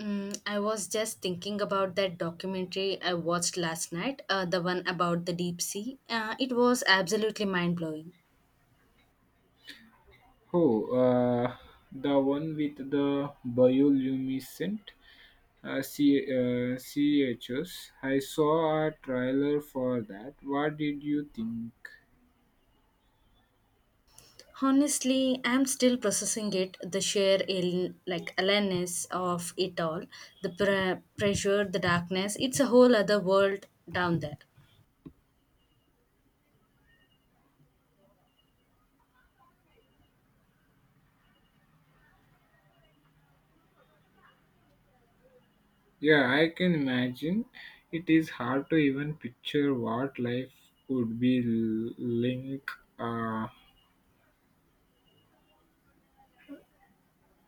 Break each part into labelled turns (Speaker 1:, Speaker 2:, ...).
Speaker 1: Mm, I was just thinking about that documentary I watched last night, the one about the deep sea. It was absolutely mind blowing.
Speaker 2: Oh, the one with the bioluminescent CHS. Saw a trailer for that. What did you think?
Speaker 1: Honestly, I'm still processing it, the sheer like alienness of it all, the pressure, the darkness. It's a whole other world down there.
Speaker 2: Yeah, I can imagine. It is hard to even picture what life would be like uh,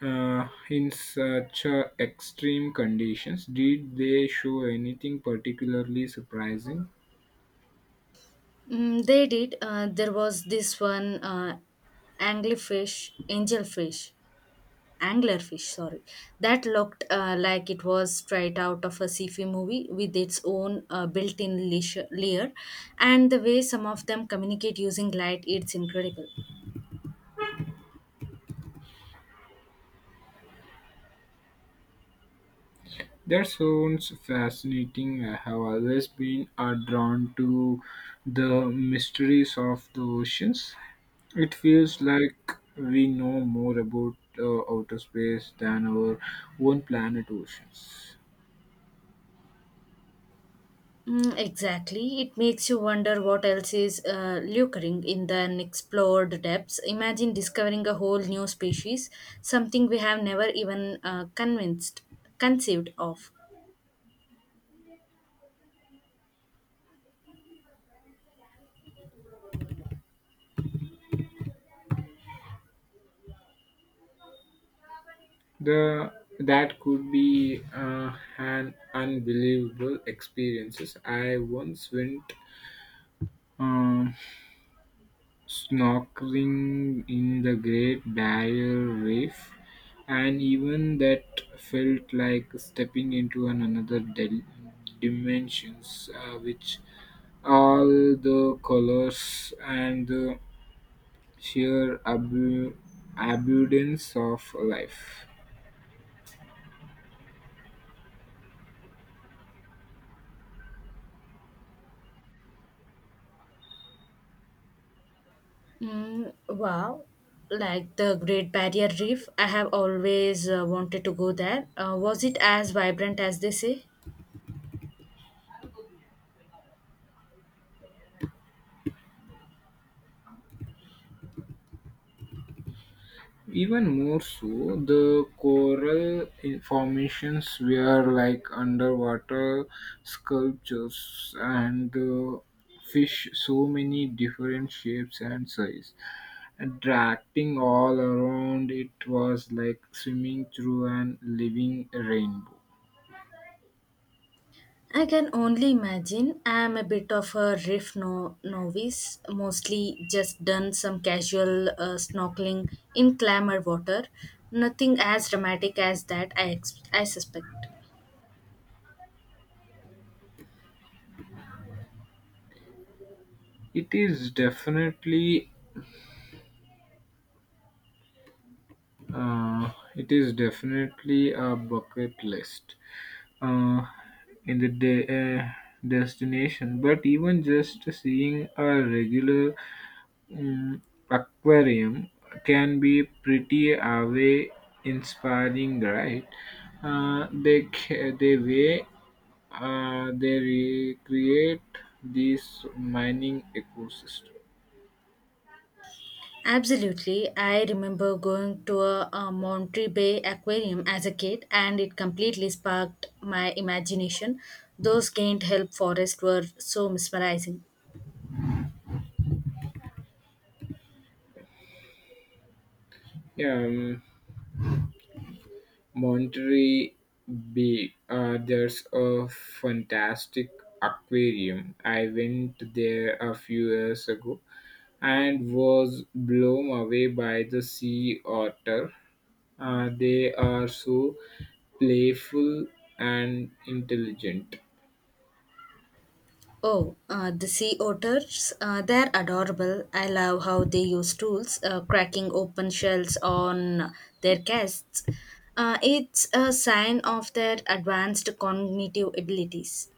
Speaker 2: in such extreme conditions. Did they show anything particularly surprising?
Speaker 1: Mm, they did. There was this one anglerfish, angelfish anglerfish sorry that looked like it was straight out of a sci-fi movie with its own built-in layer, and the way some of them communicate using light, it's incredible.
Speaker 2: That sounds fascinating. I have always been drawn to the mysteries of the oceans. It feels like we know more about outer space than our own planet oceans.
Speaker 1: Mm, exactly. It makes you wonder what else is lurking in the unexplored depths. Imagine discovering a whole new species, something we have never even conceived of.
Speaker 2: The That could be an unbelievable experiences. I once went. um Snorkeling in the Great Barrier Reef, and even that felt like stepping into another dimensions, which all the colors and the sheer abundance of life.
Speaker 1: Mm, wow. Like the Great Barrier Reef, I have always wanted to go there. Was it as vibrant as they say?
Speaker 2: Even more so, the coral formations were like underwater sculptures, and the fish so many different shapes and size, attracting all around. It was like swimming through an living rainbow.
Speaker 1: I can only imagine. I am a bit of a reef novice, mostly just done some casual snorkeling in clammer water. Nothing as dramatic as that, I suspect.
Speaker 2: It is definitely, it is definitely a bucket list uh, in the de- uh, destination. But even just seeing a regular mm, aquarium can be pretty away inspiring, right? They way they recreate this mining ecosystem.
Speaker 1: Absolutely. I remember going to a Monterey Bay aquarium as a kid, and it completely sparked my imagination. Those gained help forests were so mesmerizing.
Speaker 2: Yeah, Monterey Bay, there's a fantastic aquarium. I went there a few years ago and was blown away by the sea otter. They are so playful and intelligent.
Speaker 1: Oh, the sea otters, they're adorable. I love how they use tools, cracking open shells on their casts. It's a sign of their advanced cognitive abilities.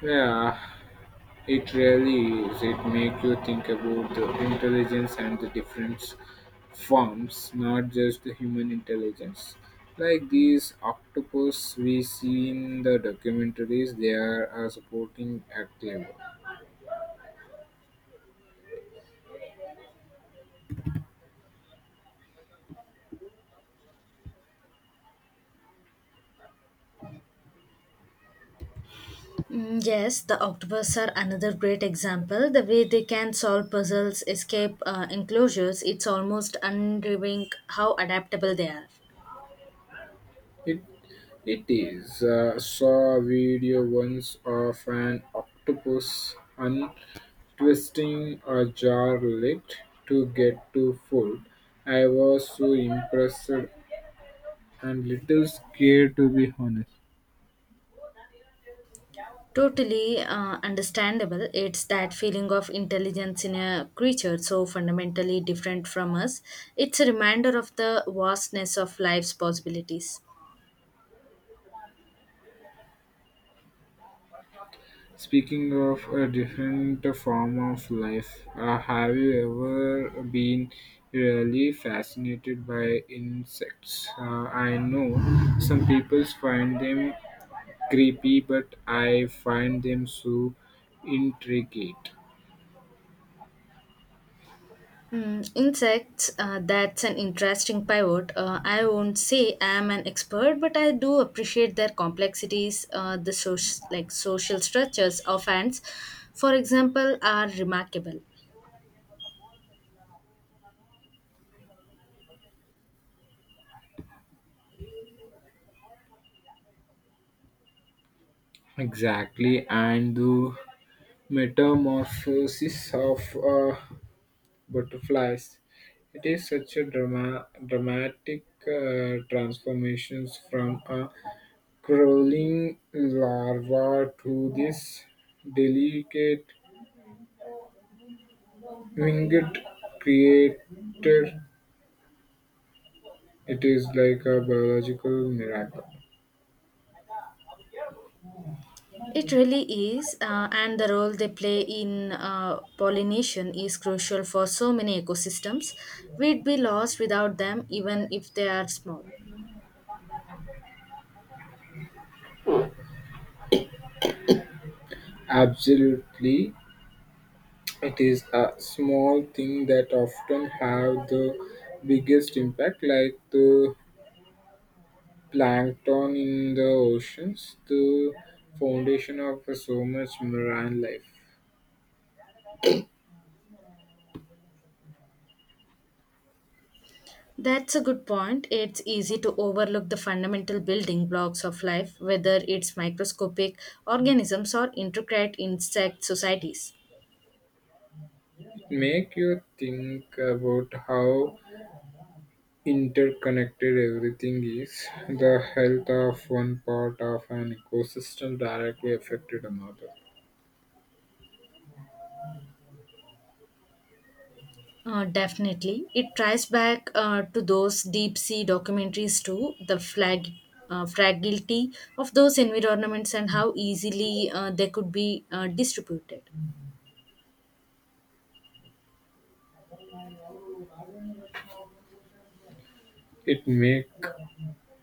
Speaker 2: Yeah, it really is. It makes you think about the intelligence and the different forms, not just the human intelligence. Like these octopus we see in the documentaries, they are a supporting active.
Speaker 1: Mm, yes, the octopus are another great example. The way they can solve puzzles, escape enclosures, it's almost unnerving how adaptable they are.
Speaker 2: It it is. Saw a video once of an octopus untwisting a jar lid to get to food. I was so impressed and little scared to be honest.
Speaker 1: Totally understandable. It's that feeling of intelligence in a creature so fundamentally different from us. It's a reminder of the vastness of life's possibilities.
Speaker 2: Speaking of a different form of life, have you ever been really fascinated by insects? I know some people find them creepy, but I find them so intricate.
Speaker 1: Mm, insects, that's an interesting pivot. I won't say I'm an expert, but I do appreciate their complexities, like social structures of ants, for example, are remarkable.
Speaker 2: Exactly, and the metamorphosis of butterflies. It is such a dramatic transformations from a crawling larva to this delicate winged creator. It is like a biological miracle.
Speaker 1: It really is, and the role they play in pollination is crucial for so many ecosystems. We'd be lost without them, even if they are small.
Speaker 2: Absolutely, it is a small thing that often have the biggest impact, like the plankton in the oceans, the foundation of so much marine life.
Speaker 1: That's a good point. It's easy to overlook the fundamental building blocks of life, whether it's microscopic organisms or intricate insect societies.
Speaker 2: Make you think about how interconnected everything is. The health of one part of an ecosystem directly affected another.
Speaker 1: Definitely. It tries back to those deep sea documentaries too, the fragility of those environments, and how easily they could be distributed.
Speaker 2: It make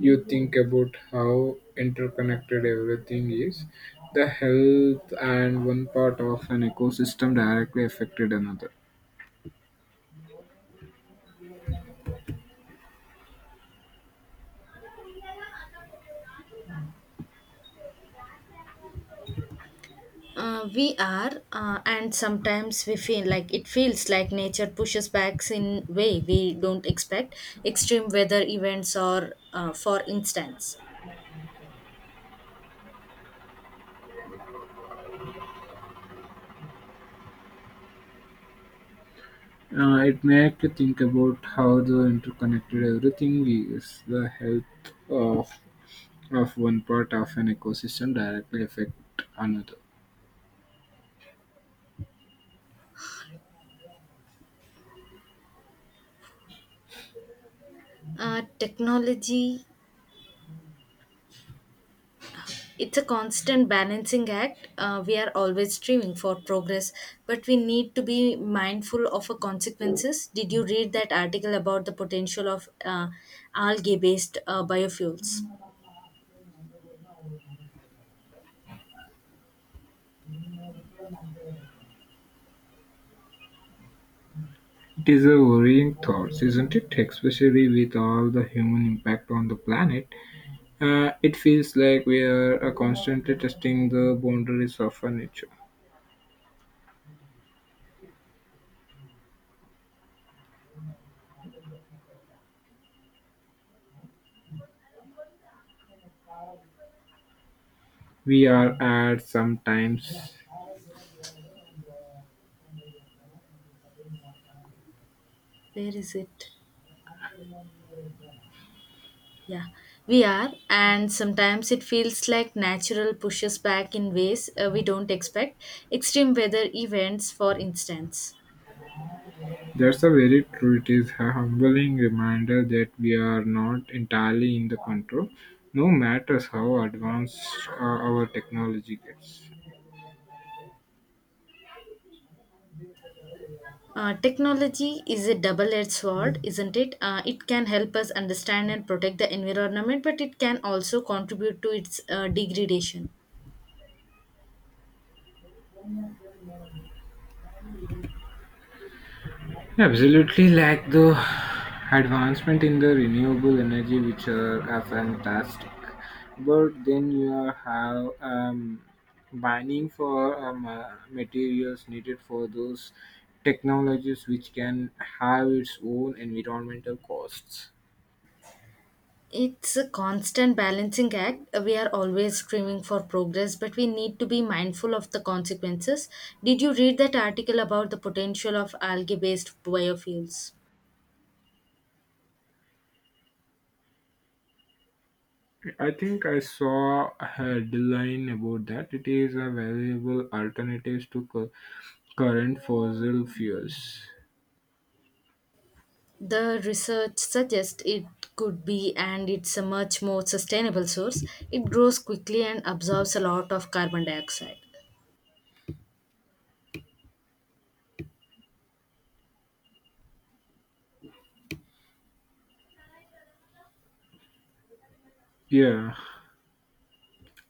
Speaker 2: you think about how interconnected everything is. The health and one part of an ecosystem directly affected another.
Speaker 1: We are, and sometimes we feel like it feels like nature pushes back in way we don't expect. Extreme weather events, or uh, for instance,
Speaker 2: It makes you think about how the interconnected everything is. The health of one part of an ecosystem directly affect another.
Speaker 1: uh, technology. It's a constant balancing act. We are always striving for progress, but we need to be mindful of our consequences. Did you read that article about the potential of algae-based biofuels?
Speaker 2: It is a worrying thought, isn't it? Especially with all the human impact on the planet. It feels like we are constantly testing the boundaries of our nature. We are at sometimes.
Speaker 1: Where is it? Yeah, we are, and sometimes it feels like natural pushes back in ways we don't expect. Extreme weather events, for instance.
Speaker 2: That's a very true. It is a humbling reminder that we are not entirely in the control, no matter how advanced our technology gets.
Speaker 1: Technology is a double edged sword, isn't it? It can help us understand and protect the environment, but it can also contribute to its degradation.
Speaker 2: Absolutely, like the advancement in the renewable energy, are fantastic. But then you are have mining for materials needed for those technologies, which can have its own environmental costs.
Speaker 1: It's a constant balancing act. We are always striving for progress, but we need to be mindful of the consequences. Did you read that article about the potential of algae based biofuels?
Speaker 2: I think I saw a headline about that. It is a valuable alternative to current fossil fuels.
Speaker 1: The research suggests it could be, and it's a much more sustainable source. It grows quickly and absorbs a lot of carbon dioxide.
Speaker 2: Yeah,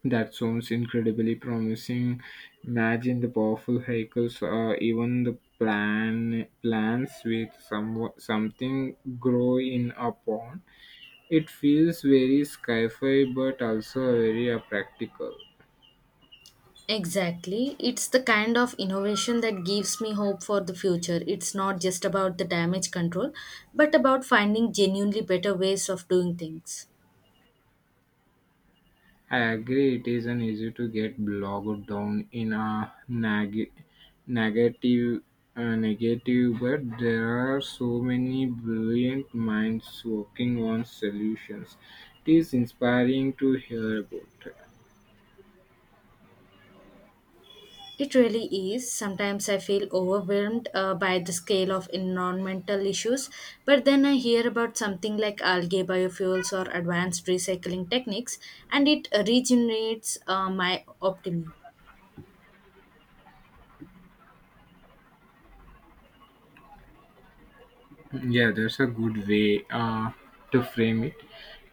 Speaker 2: that sounds incredibly promising. Imagine the powerful vehicles, or even the plants with something growing upon. It feels very sci-fi, but also very practical.
Speaker 1: Exactly. It's the kind of innovation that gives me hope for the future. It's not just about the damage control, but about finding genuinely better ways of doing things.
Speaker 2: I agree it isn't easy to get bogged down in a negative negative, but there are so many brilliant minds working on solutions. It is inspiring to hear about.
Speaker 1: It really is. Sometimes I feel overwhelmed by the scale of environmental issues, but then I hear about something like algae biofuels or advanced recycling techniques, and it regenerates my optimism.
Speaker 2: Yeah, that's a good way to frame it.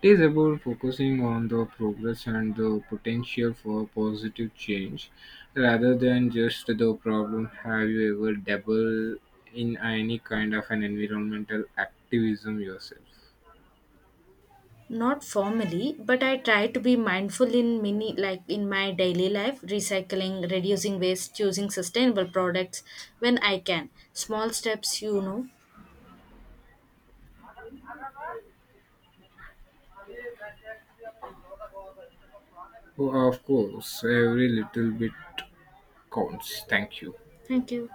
Speaker 2: It is about focusing on the progress and the potential for positive change rather than just the problem. Have you ever dabbled in any kind of an environmental activism yourself?
Speaker 1: Not formally, but I try to be mindful in many, like in my daily life, recycling, reducing waste, choosing sustainable products when I can. Small steps, you know.
Speaker 2: Oh, of course, every little bit counts. Thank you.
Speaker 1: Thank you.